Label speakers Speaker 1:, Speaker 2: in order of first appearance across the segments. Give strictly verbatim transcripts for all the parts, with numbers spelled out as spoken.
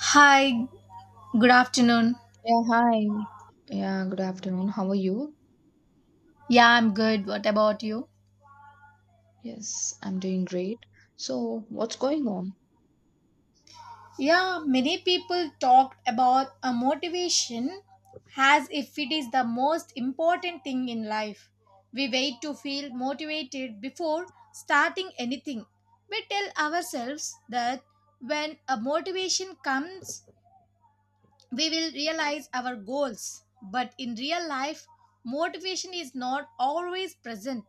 Speaker 1: Hi, good afternoon.
Speaker 2: Yeah, hi. Yeah, good afternoon. How are you?
Speaker 1: Yeah, I'm good. What about you?
Speaker 2: Yes, I'm doing great. So, what's going on?
Speaker 1: Yeah, many people talked about a motivation as if it is the most important thing in life. We wait to feel motivated before starting anything. We tell ourselves that when a motivation comes, we will realize our goals. But in real life, motivation is not always present.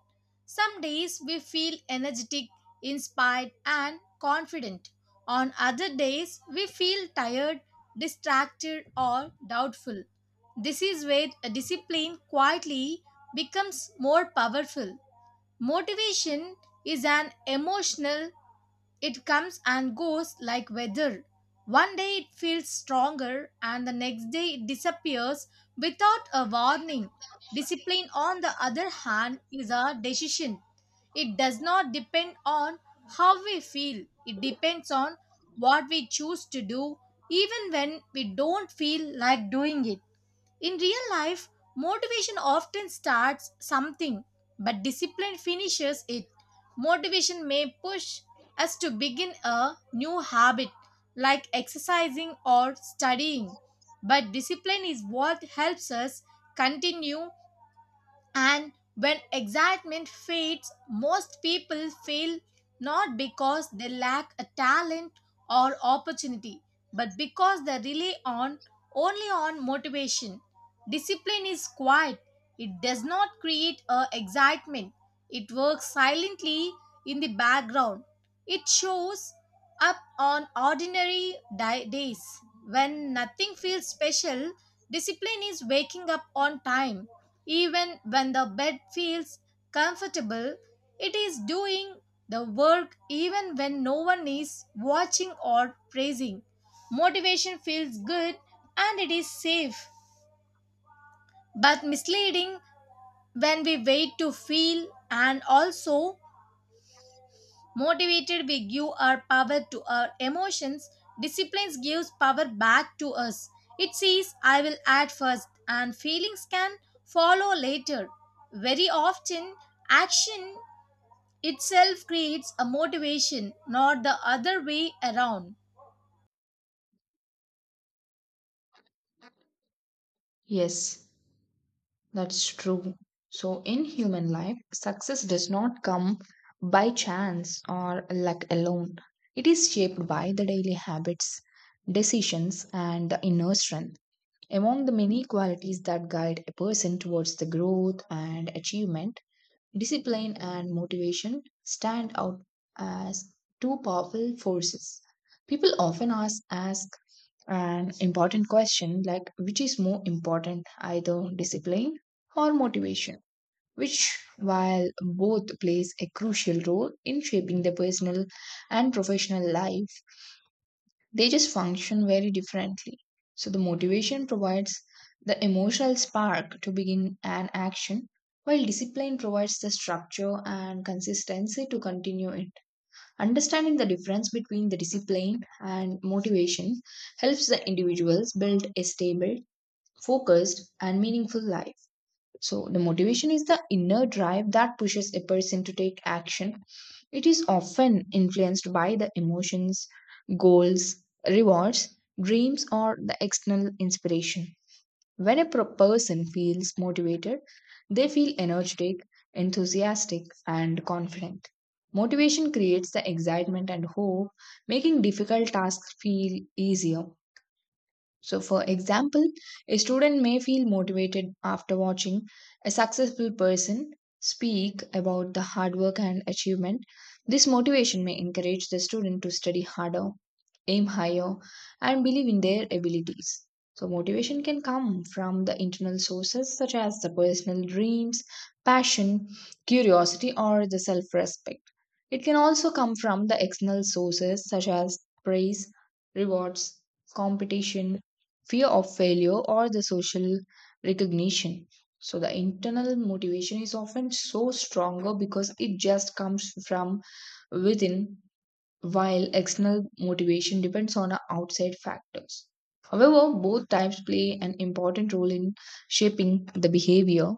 Speaker 1: Some days we feel energetic, inspired, and confident. On other days, we feel tired, distracted, or doubtful. This is where a discipline quietly becomes more powerful. Motivation is an emotional, it comes and goes like weather. One day it feels stronger, and the next day it disappears without a warning. Discipline, on the other hand, is a decision. It does not depend on how we feel, it depends on what we choose to do, even when we don't feel like doing it. In real life, motivation often starts something, but discipline finishes it. Motivation may push us to begin a new habit, like exercising or studying, but discipline is what helps us continue, and when excitement fades, most people fail not because they lack a talent or opportunity, but because they rely on only on motivation. Discipline is quiet. It does not create a excitement. It works silently in the background. It shows up on ordinary di- days when nothing feels special. Discipline is waking up on time even when the bed feels comfortable. It is doing the work even when no one is watching or praising. Motivation feels good and it is safe, but misleading. When we wait to feel and also motivated, we give our power to our emotions. Discipline gives power back to us. It says, I will act first, and feelings can follow later. Very often, action itself creates a motivation, not the other way around.
Speaker 2: Yes, that's true. So, in human life, success does not come by chance or luck alone. It is shaped by the daily habits, decisions, and the inner strength. Among the many qualities that guide a person towards the growth and achievement, discipline and motivation stand out as two powerful forces. People often ask, ask an important question like which is more important, either discipline or motivation, which, while both plays a crucial role in shaping the personal and professional life, they just function very differently. So the motivation provides the emotional spark to begin an action, while discipline provides the structure and consistency to continue it. Understanding the difference between the discipline and motivation helps the individuals build a stable, focused, and meaningful life. So, the motivation is the inner drive that pushes a person to take action. It is often influenced by the emotions, goals, rewards, dreams, or the external inspiration. When a pro- person feels motivated, they feel energetic, enthusiastic, and confident. Motivation creates the excitement and hope, making difficult tasks feel easier. So, for example, a student may feel motivated after watching a successful person speak about the hard work and achievement. This motivation may encourage the student to study harder, aim higher, and believe in their abilities. So, motivation can come from the internal sources such as the personal dreams, passion, curiosity, or the self respect. It can also come from the external sources such as praise, rewards, competition, fear of failure or the social recognition. So the internal motivation is often so stronger because it just comes from within, while external motivation depends on uh, outside factors. However, both types play an important role in shaping the behavior.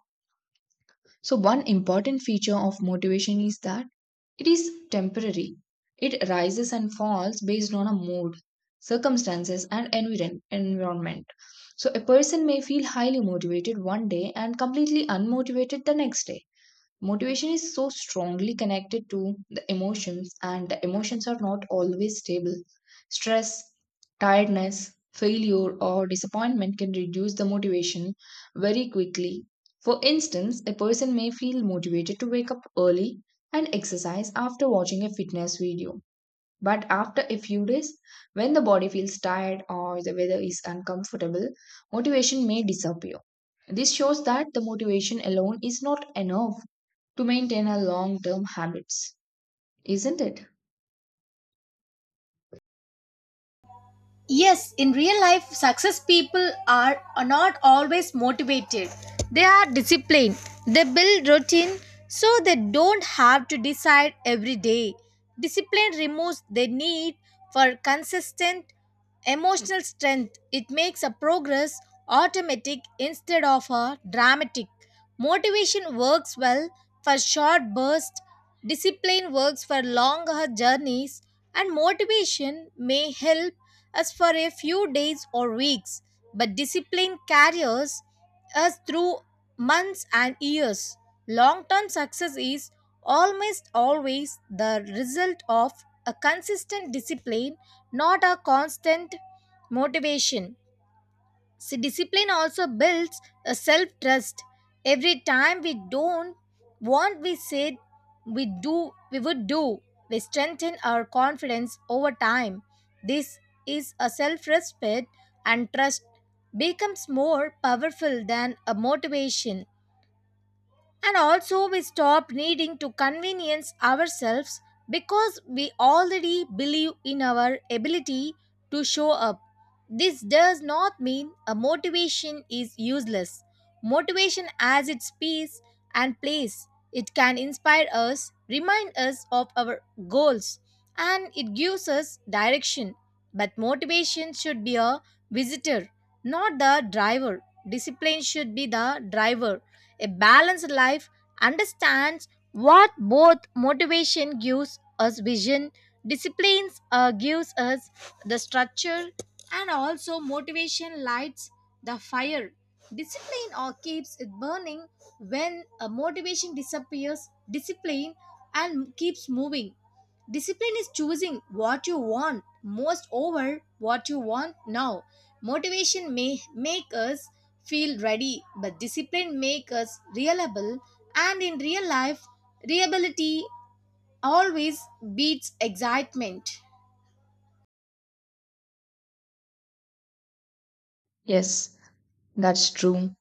Speaker 2: So one important feature of motivation is that it is temporary. It rises and falls based on a mood, circumstances, and environ- environment. So, a person may feel highly motivated one day and completely unmotivated the next day. Motivation is so strongly connected to the emotions, and the emotions are not always stable. Stress, tiredness, failure, or disappointment can reduce the motivation very quickly. For instance, a person may feel motivated to wake up early and exercise after watching a fitness video. But after a few days, when the body feels tired or the weather is uncomfortable, motivation may disappear. This shows that the motivation alone is not enough to maintain our long term habits, isn't it?
Speaker 1: Yes, in real life, success people are, are not always motivated. They are disciplined. They build routine so they don't have to decide every day. Discipline removes the need for consistent emotional strength. It makes a progress automatic instead of a dramatic. Motivation works well for short bursts. Discipline works for longer journeys, and motivation may help us for a few days or weeks, but discipline carries us through months and years. Long term success is almost always the result of a consistent discipline, not a constant motivation. So discipline also builds a self trust. Every time we don't want we said we do we would do, we strengthen our confidence over time. This is a self respect, and trust becomes more powerful than a motivation. And also, we stop needing to convenience ourselves because we already believe in our ability to show up. This does not mean a motivation is useless. Motivation has its peace and place. It can inspire us, remind us of our goals, and it gives us direction. But motivation should be a visitor, not the driver. Discipline should be the driver. A balanced life understands what both motivation gives us vision, disciplines uh, gives us the structure, and also motivation lights the fire. Discipline or keeps it burning when a motivation disappears. Discipline and keeps moving. Discipline is choosing what you want most over what you want now. Motivation may make us feel ready, but discipline makes us reliable. And in real life, reliability always beats excitement.
Speaker 2: Yes, that's true.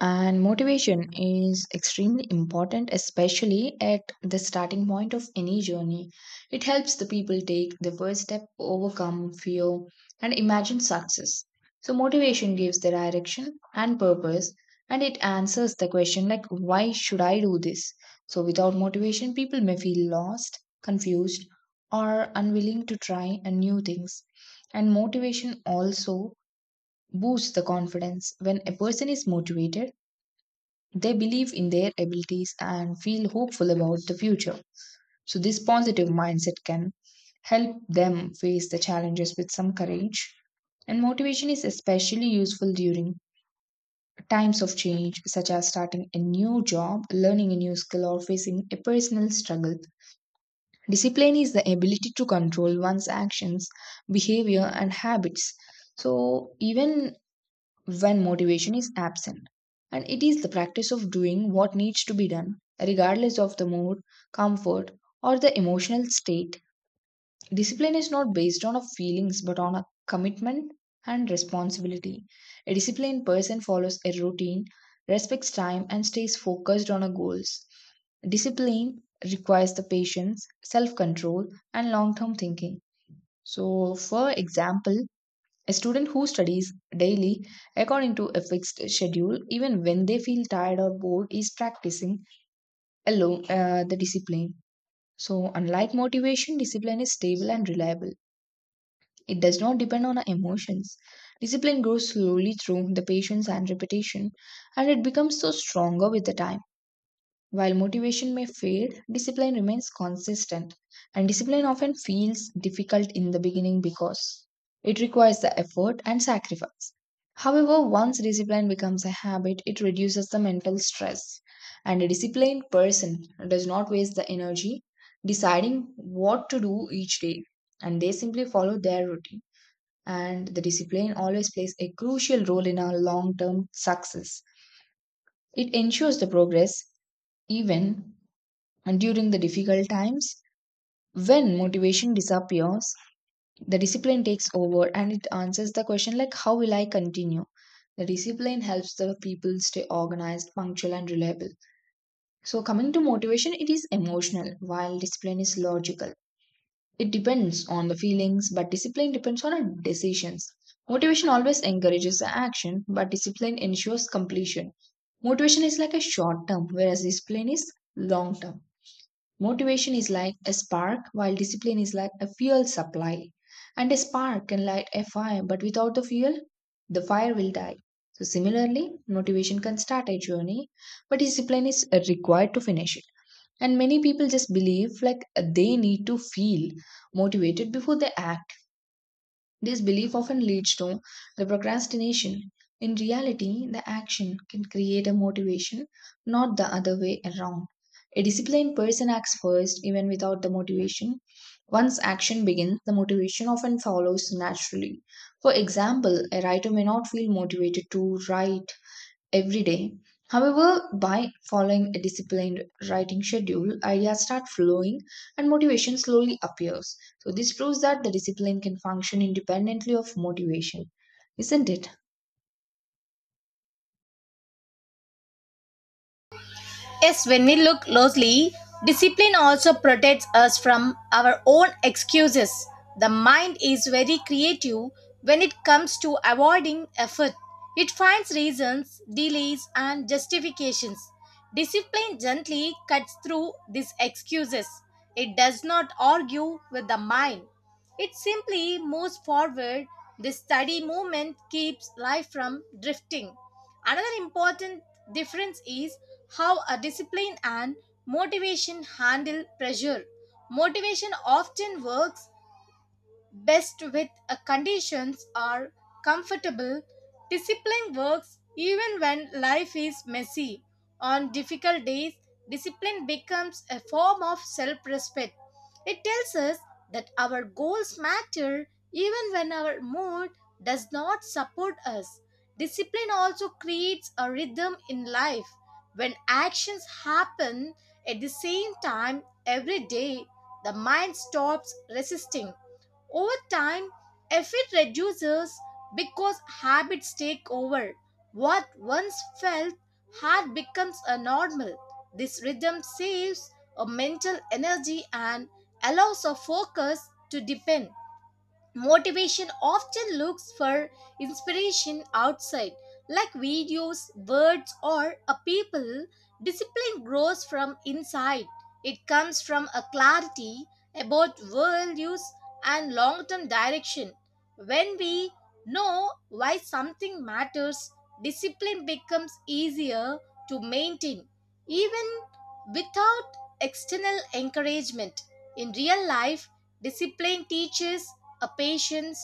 Speaker 2: And motivation is extremely important, especially at the starting point of any journey. It helps the people take the first step, overcome fear, and imagine success. So, motivation gives the direction and purpose, and it answers the question, like, why should I do this? So, without motivation, people may feel lost, confused, or unwilling to try and new things. And motivation also boosts the confidence. When a person is motivated, they believe in their abilities and feel hopeful about the future. So, this positive mindset can help them face the challenges with some courage. And motivation is especially useful during times of change, such as starting a new job, learning a new skill, or facing a personal struggle. Discipline is the ability to control one's actions, behavior, and habits. So, even when motivation is absent. And it is the practice of doing what needs to be done, regardless of the mood, comfort, or the emotional state. Discipline is not based on a feelings but on a commitment and responsibility. A disciplined person follows a routine, respects time, and stays focused on a goals. Discipline requires the patience, self control, and long term thinking. So, for example, a student who studies daily according to a fixed schedule, even when they feel tired or bored, is practicing alone uh, the discipline. So, unlike motivation, discipline is stable and reliable. It does not depend on our emotions. Discipline grows slowly through the patience and repetition, and it becomes so stronger with the time. While motivation may fade, discipline remains consistent. And discipline often feels difficult in the beginning because it requires the effort and sacrifice. However, once discipline becomes a habit, it reduces the mental stress. And a disciplined person does not waste the energy deciding what to do each day, and they simply follow their routine. And the discipline always plays a crucial role in our long term success. It ensures the progress even and during the difficult times. When motivation disappears, the discipline takes over and it answers the question like how will I continue? The discipline helps the people stay organized, punctual and reliable. So coming to motivation, it is emotional while discipline is logical. It depends on the feelings, but discipline depends on our decisions. Motivation always encourages the action, but discipline ensures completion. Motivation is like a short term, whereas discipline is long term. Motivation is like a spark, while discipline is like a fuel supply. And a spark can light a fire, but without the fuel, the fire will die. So, similarly, motivation can start a journey, but discipline is required to finish it. And many people just believe like they need to feel motivated before they act. This belief often leads to the procrastination. In reality, the action can create a motivation, not the other way around. A disciplined person acts first, even without the motivation. Once action begins, the motivation often follows naturally. For example, a writer may not feel motivated to write every day. However, by following a disciplined writing schedule, ideas start flowing and motivation slowly appears. So, this proves that the discipline can function independently of motivation, isn't it?
Speaker 1: Yes, when we look closely, discipline also protects us from our own excuses. The mind is very creative when it comes to avoiding effort. It finds reasons, delays, and justifications. Discipline gently cuts through these excuses. It does not argue with the mind. It simply moves forward. This steady movement keeps life from drifting. Another important difference is how a discipline and motivation handle pressure. Motivation often works best with a conditions are comfortable. Discipline works even when life is messy. On difficult days, discipline becomes a form of self respect. It tells us that our goals matter even when our mood does not support us. Discipline also creates a rhythm in life. When actions happen at the same time every day, the mind stops resisting. Over time, effort reduces because habits take over. What once felt hard becomes a normal. This rhythm saves a mental energy and allows a focus to deepen. Motivation often looks for inspiration outside, like videos, words, or a people. Discipline grows from inside. It comes from a clarity about values and long term direction. When we know why something matters, discipline becomes easier to maintain, even without external encouragement. In real life, discipline teaches a patient's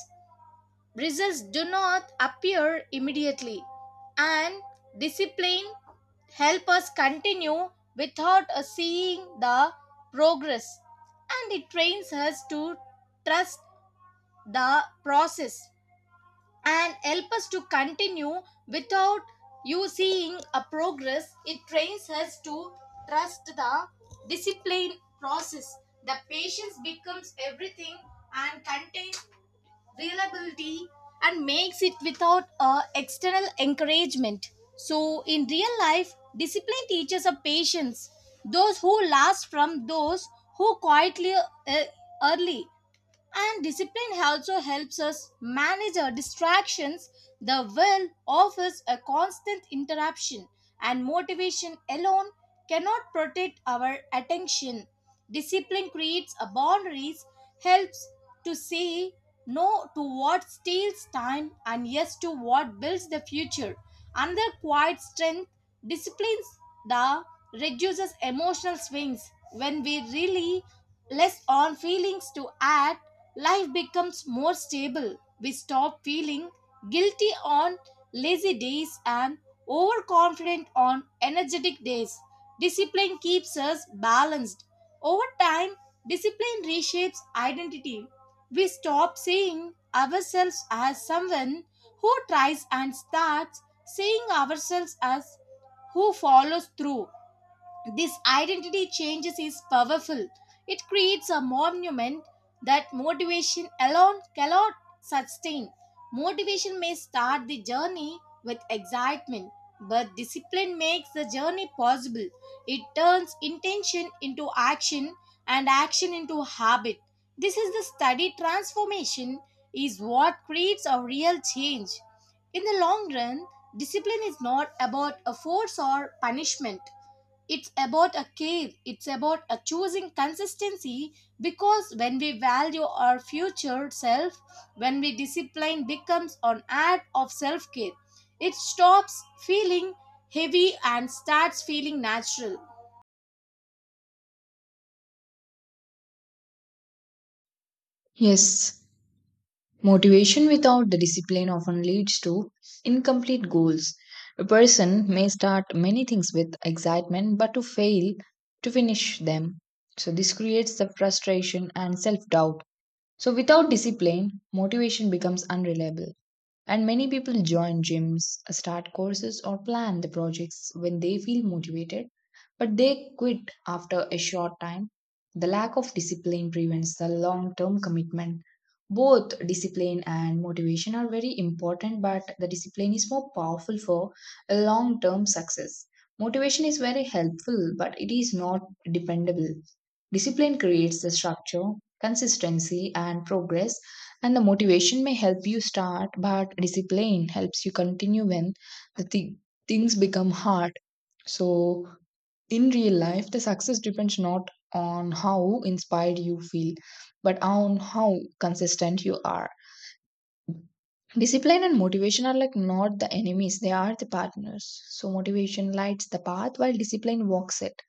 Speaker 1: results do not appear immediately, and discipline help us continue without uh, seeing the progress, and it trains us to trust the process and help us to continue without you seeing a progress, it trains us to trust the discipline process, the patience becomes everything and contains reliability and makes it without uh, external encouragement. So, in real life, discipline teaches a patience. Those who last from those who quietly uh, early. And discipline also helps us manage our distractions. The will offers a constant interruption, and motivation alone cannot protect our attention. Discipline creates a boundaries, helps to say no to what steals time and yes to what builds the future. Another quiet strength disciplines the reduces emotional swings when we really less on feelings to act, life becomes more stable. We stop feeling guilty on lazy days and overconfident on energetic days. Discipline keeps us balanced. Over time, discipline reshapes identity. We stop seeing ourselves as someone who tries and starts seeing ourselves as who follows through. This identity changes is powerful. It creates a monument that motivation alone cannot sustain. Motivation may start the journey with excitement, but discipline makes the journey possible. It turns intention into action and action into habit. This is the study transformation is what creates a real change. In the long run, discipline is not about a force or punishment, it's about a care, it's about a choosing consistency, because when we value our future self, when we discipline becomes an act of self care, it stops feeling heavy and starts feeling natural.
Speaker 2: Yes, motivation without the discipline often leads to incomplete goals. A person may start many things with excitement but to fail to finish them. So, this creates the frustration and self doubt. So, without discipline, motivation becomes unreliable. And many people join gyms, start courses, or plan the projects when they feel motivated, but they quit after a short time. The lack of discipline prevents the long term commitment. Both discipline and motivation are very important, but the discipline is more powerful for long term success. Motivation is very helpful, but it is not dependable. Discipline creates the structure, consistency, and progress and the motivation may help you start, but discipline helps you continue when the thi- things become hard. So, in real life, the success depends not on how inspired you feel, but on how consistent you are. Discipline and motivation are like not the enemies, they are the partners. So, motivation lights the path while discipline walks it.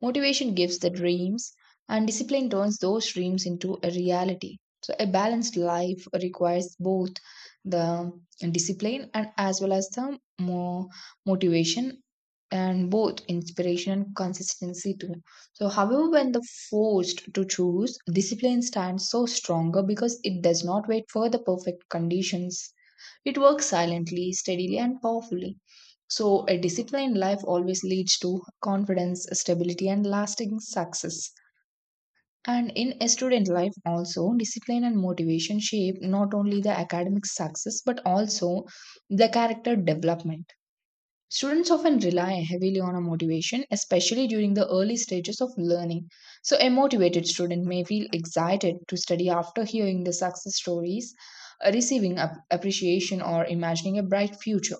Speaker 2: Motivation gives the dreams, and discipline turns those dreams into a reality. So, a balanced life requires both the discipline and as well as the more motivation and both inspiration and consistency too. So, however, when the forced to choose, discipline stands so stronger because it does not wait for the perfect conditions. It works silently, steadily, and powerfully. So, a disciplined life always leads to confidence, stability, and lasting success. And in a student life, also, discipline and motivation shape not only the academic success but also the character development. Students often rely heavily on a motivation, especially during the early stages of learning. So, a motivated student may feel excited to study after hearing the success stories, uh, receiving ap- appreciation, or imagining a bright future.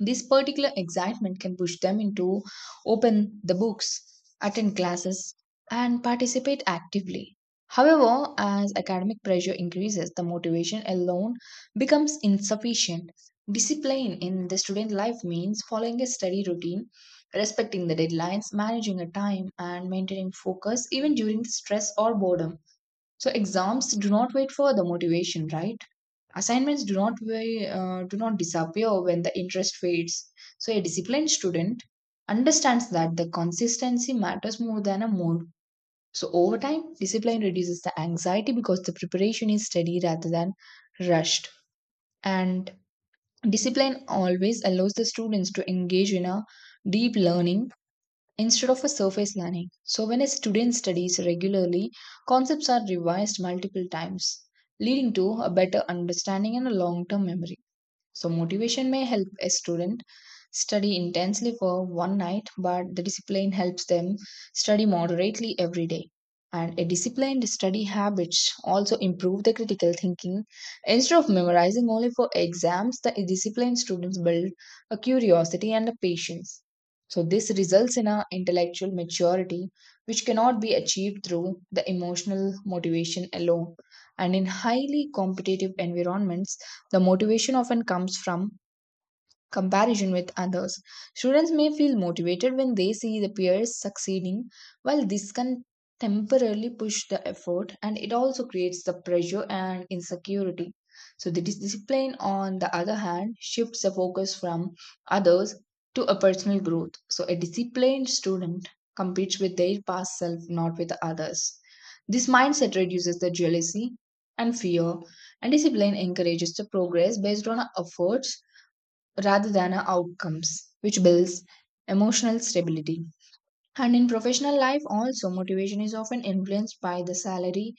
Speaker 2: This particular excitement can push them into open the books, attend classes, and participate actively. However, as academic pressure increases, the motivation alone becomes insufficient. Discipline in the student life means following a steady routine, respecting the deadlines, managing a time, and maintaining focus even during the stress or boredom. So, exams do not wait for the motivation, right? Assignments do not wa- uh, do not disappear when the interest fades. So a disciplined student understands that the consistency matters more than a mode. So over time, discipline reduces the anxiety because the preparation is steady rather than rushed. And discipline always allows the students to engage in a deep learning instead of a surface learning. So when a student studies regularly, concepts are revised multiple times, leading to a better understanding and a long-term memory. So, motivation may help a student study intensely for one night, but the discipline helps them study moderately every day. And a disciplined study habits also improve the critical thinking. Instead of memorizing only for exams, the disciplined students build a curiosity and a patience. So, this results in a intellectual maturity which cannot be achieved through the emotional motivation alone. And in highly competitive environments, the motivation often comes from comparison with others. Students may feel motivated when they see the peers succeeding, while this can temporarily push the effort and it also creates the pressure and insecurity. So, the dis- discipline, on the other hand, shifts the focus from others to a personal growth. So, a disciplined student competes with their past self, not with others. This mindset reduces the jealousy and fear, and discipline encourages the progress based on our efforts rather than our outcomes, which builds emotional stability. And in professional life, also, motivation is often influenced by the salary,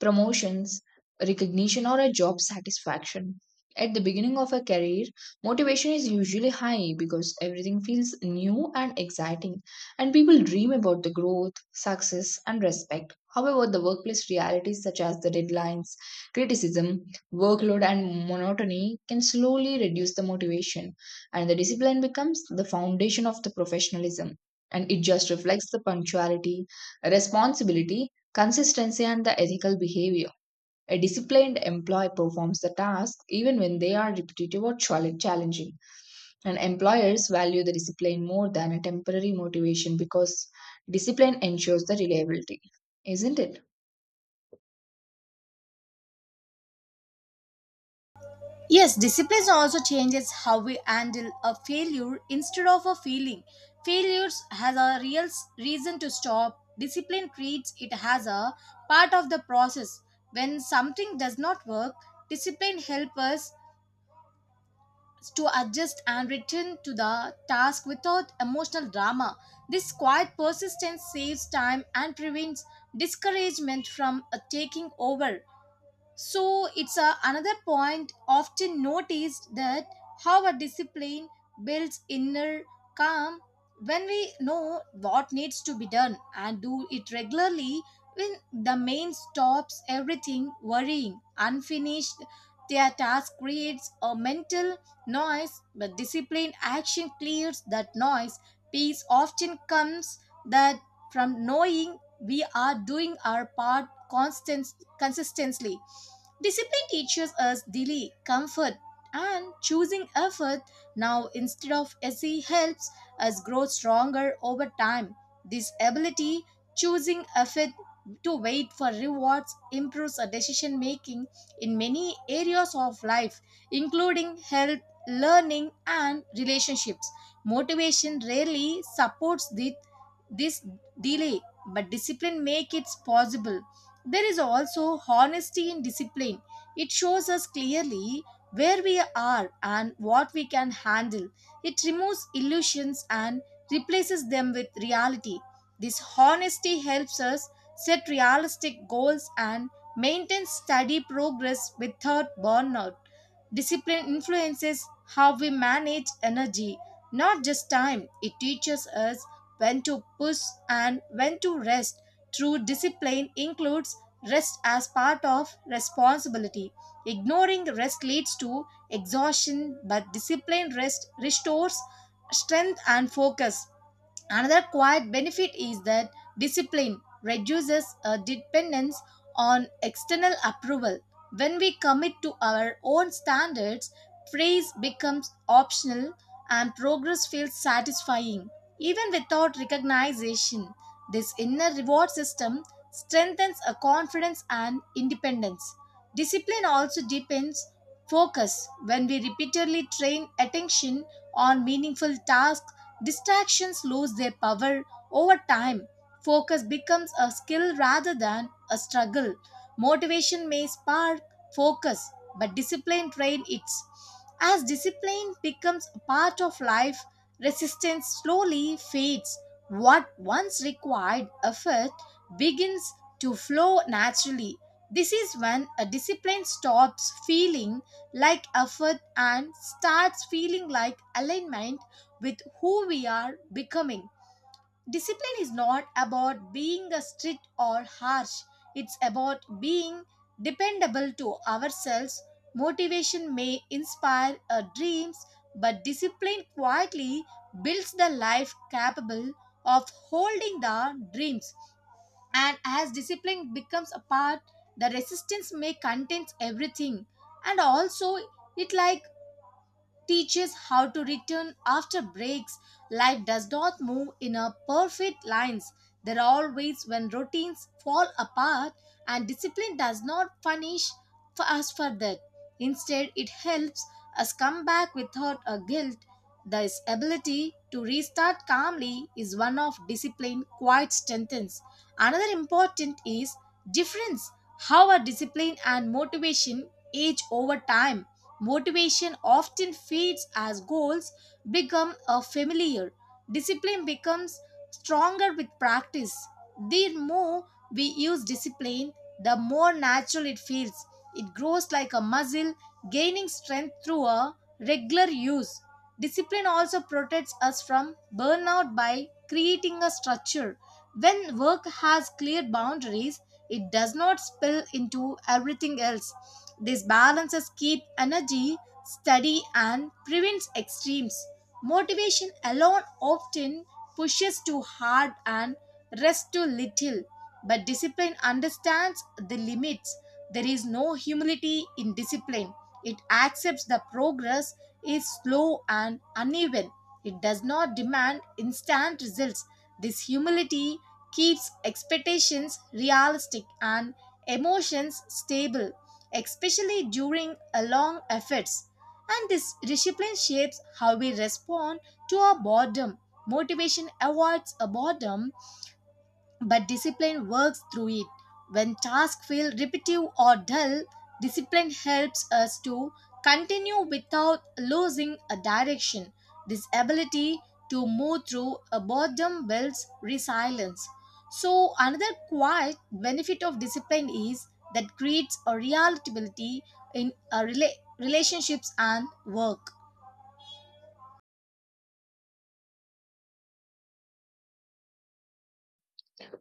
Speaker 2: promotions, recognition, or a job satisfaction. At the beginning of a career, motivation is usually high because everything feels new and exciting, and people dream about the growth, success, and respect. However, the workplace realities such as the deadlines, criticism, workload, and monotony can slowly reduce the motivation, and the discipline becomes the foundation of the professionalism and it just reflects the punctuality, responsibility, consistency, and the ethical behavior. A disciplined employee performs the tasks even when they are repetitive or chal- challenging. And employers value the discipline more than a temporary motivation because discipline ensures the reliability, isn't it?
Speaker 1: Yes, discipline also changes how we handle a failure instead of a feeling. Failures has a real s- reason to stop. Discipline treats it as a part of the process. When something does not work, discipline helps us to adjust and return to the task without emotional drama. This quiet persistence saves time and prevents discouragement from uh, taking over. So it's a, another point often noticed that how a discipline builds inner calm when we know what needs to be done and do it regularly, when the main stops everything worrying unfinished their task creates a mental noise, but disciplined action clears that noise, peace often comes that from knowing we are doing our part constant, consistently. Discipline teaches us delay, comfort, and choosing effort now instead of easy helps us grow stronger over time. This ability, choosing effort to wait for rewards, improves our decision making in many areas of life, including health, learning, and relationships. Motivation rarely supports the, this delay, but discipline make it possible. There is also honesty in discipline. It shows us clearly where we are and what we can handle. It removes illusions and replaces them with reality. This honesty helps us set realistic goals and maintain steady progress without burnout. Discipline influences how we manage energy, not just time. It teaches us when to push and when to rest. True discipline includes rest as part of responsibility. Ignoring rest leads to exhaustion, but disciplined rest restores strength and focus. Another quiet benefit is that discipline reduces a dependence on external approval. When we commit to our own standards, praise becomes optional and progress feels satisfying, even without recognition. This inner reward system strengthens a confidence and independence. Discipline also deepens focus when we repeatedly train attention on meaningful tasks. Distractions lose their power over time. Focus becomes a skill rather than a struggle. Motivation may spark focus, but discipline trains it. As discipline becomes a part of life, resistance slowly fades. What once required effort begins to flow naturally. This is when a discipline stops feeling like effort and starts feeling like alignment with who we are becoming. Discipline is not about being a strict or harsh, it's about being dependable to ourselves. Motivation may inspire our dreams, but discipline quietly builds the life capable of holding the dreams. And as discipline becomes a part, the resistance may contains everything. And also, it like teaches how to return after breaks. Life does not move in a perfect lines. There are always when routines fall apart, and discipline does not punish for us for that. Instead, it helps us come back without a guilt. This ability to restart calmly is one of discipline quite strengthens. Another important is difference how our discipline and motivation age over time. Motivation often fades as goals become a familiar. Discipline becomes stronger with practice. The more we use discipline, the more natural it feels. It grows like a muscle, gaining strength through a regular use. Discipline also protects us from burnout by creating a structure when work has clear boundaries, it does not spill into everything else. These balances keep energy steady and prevents extremes. Motivation alone often pushes too hard and rests too little. But discipline understands the limits. There is no humility in discipline. It accepts the progress is slow and uneven. It does not demand instant results. This humility keeps expectations realistic and emotions stable, especially during a long efforts. And this discipline shapes how we respond to our boredom. Motivation avoids a boredom, but discipline works through it. When tasks feel repetitive or dull, discipline helps us to continue without losing a direction. This ability to move through a boredom builds resilience. So, another quiet benefit of discipline is that creates a reliability in a rela- relationships and work.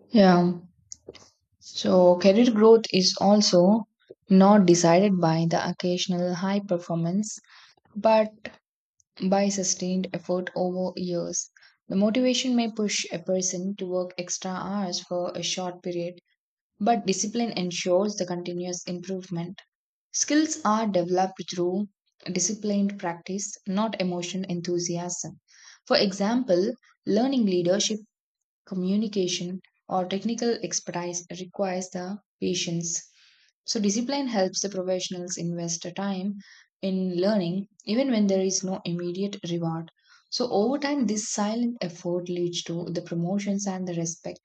Speaker 2: Yeah. So, career growth is also not decided by the occasional high performance, but by sustained effort over years, the motivation may push a person to work extra hours for a short period, but discipline ensures the continuous improvement. Skills are developed through disciplined practice, not emotional enthusiasm. For example, learning leadership communication, or technical expertise requires the patience. So, discipline helps the professionals invest the time in learning even when there is no immediate reward. So, over time, this silent effort leads to the promotions and the respect.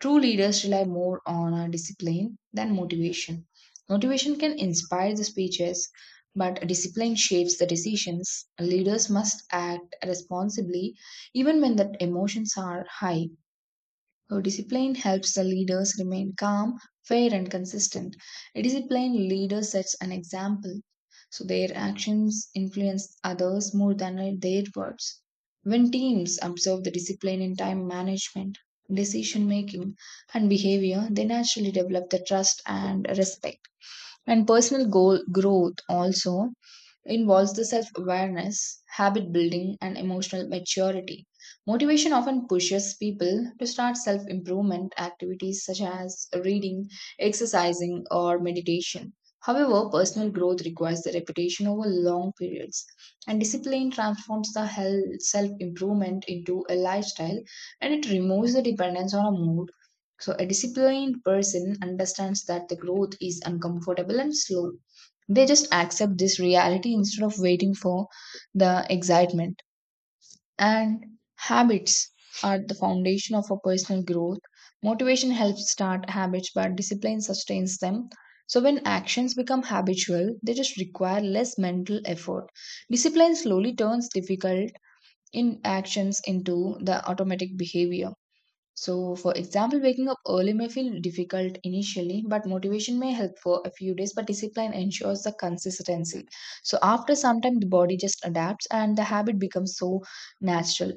Speaker 2: True leaders rely more on uh, discipline than motivation. Motivation can inspire the speeches, but discipline shapes the decisions. Leaders must act responsibly even when the emotions are high. Uh, discipline helps the leaders remain calm, fair, and consistent. A disciplined leader sets an example, so their actions influence others more than their words. When teams observe the discipline in time management, decision making, and behavior, they naturally develop the trust and respect. And personal goal growth also involves the self awareness, habit building, and emotional maturity. Motivation often pushes people to start self improvement activities such as reading, exercising, or meditation. However, personal growth requires the repetition over long periods, and discipline transforms the self improvement into a lifestyle and it removes the dependence on a mood. So, a disciplined person understands that the growth is uncomfortable and slow. They just accept this reality instead of waiting for the excitement. And habits are the foundation of a personal growth. Motivation helps start habits, but discipline sustains them. So when actions become habitual, they just require less mental effort. Discipline slowly turns difficult in actions into the automatic behavior. So, for example, waking up early may feel difficult initially, but motivation may help for a few days, but discipline ensures the consistency. So, after some time, the body just adapts and the habit becomes so natural.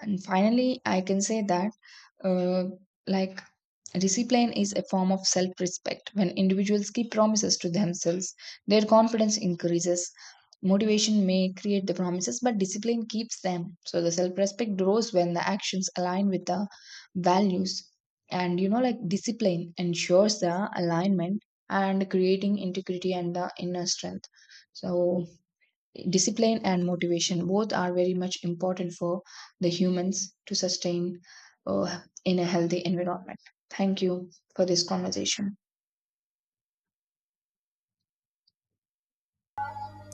Speaker 2: And finally, I can say that uh, like, discipline is a form of self-respect. When individuals keep promises to themselves, their confidence increases. Motivation may create the promises, but discipline keeps them. So the self-respect grows when the actions align with the values, and you know, like, discipline ensures the alignment and creating integrity and the inner strength. So discipline and motivation both are very much important for the humans to sustain uh, in a healthy environment. Thank you for this conversation.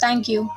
Speaker 1: Thank you.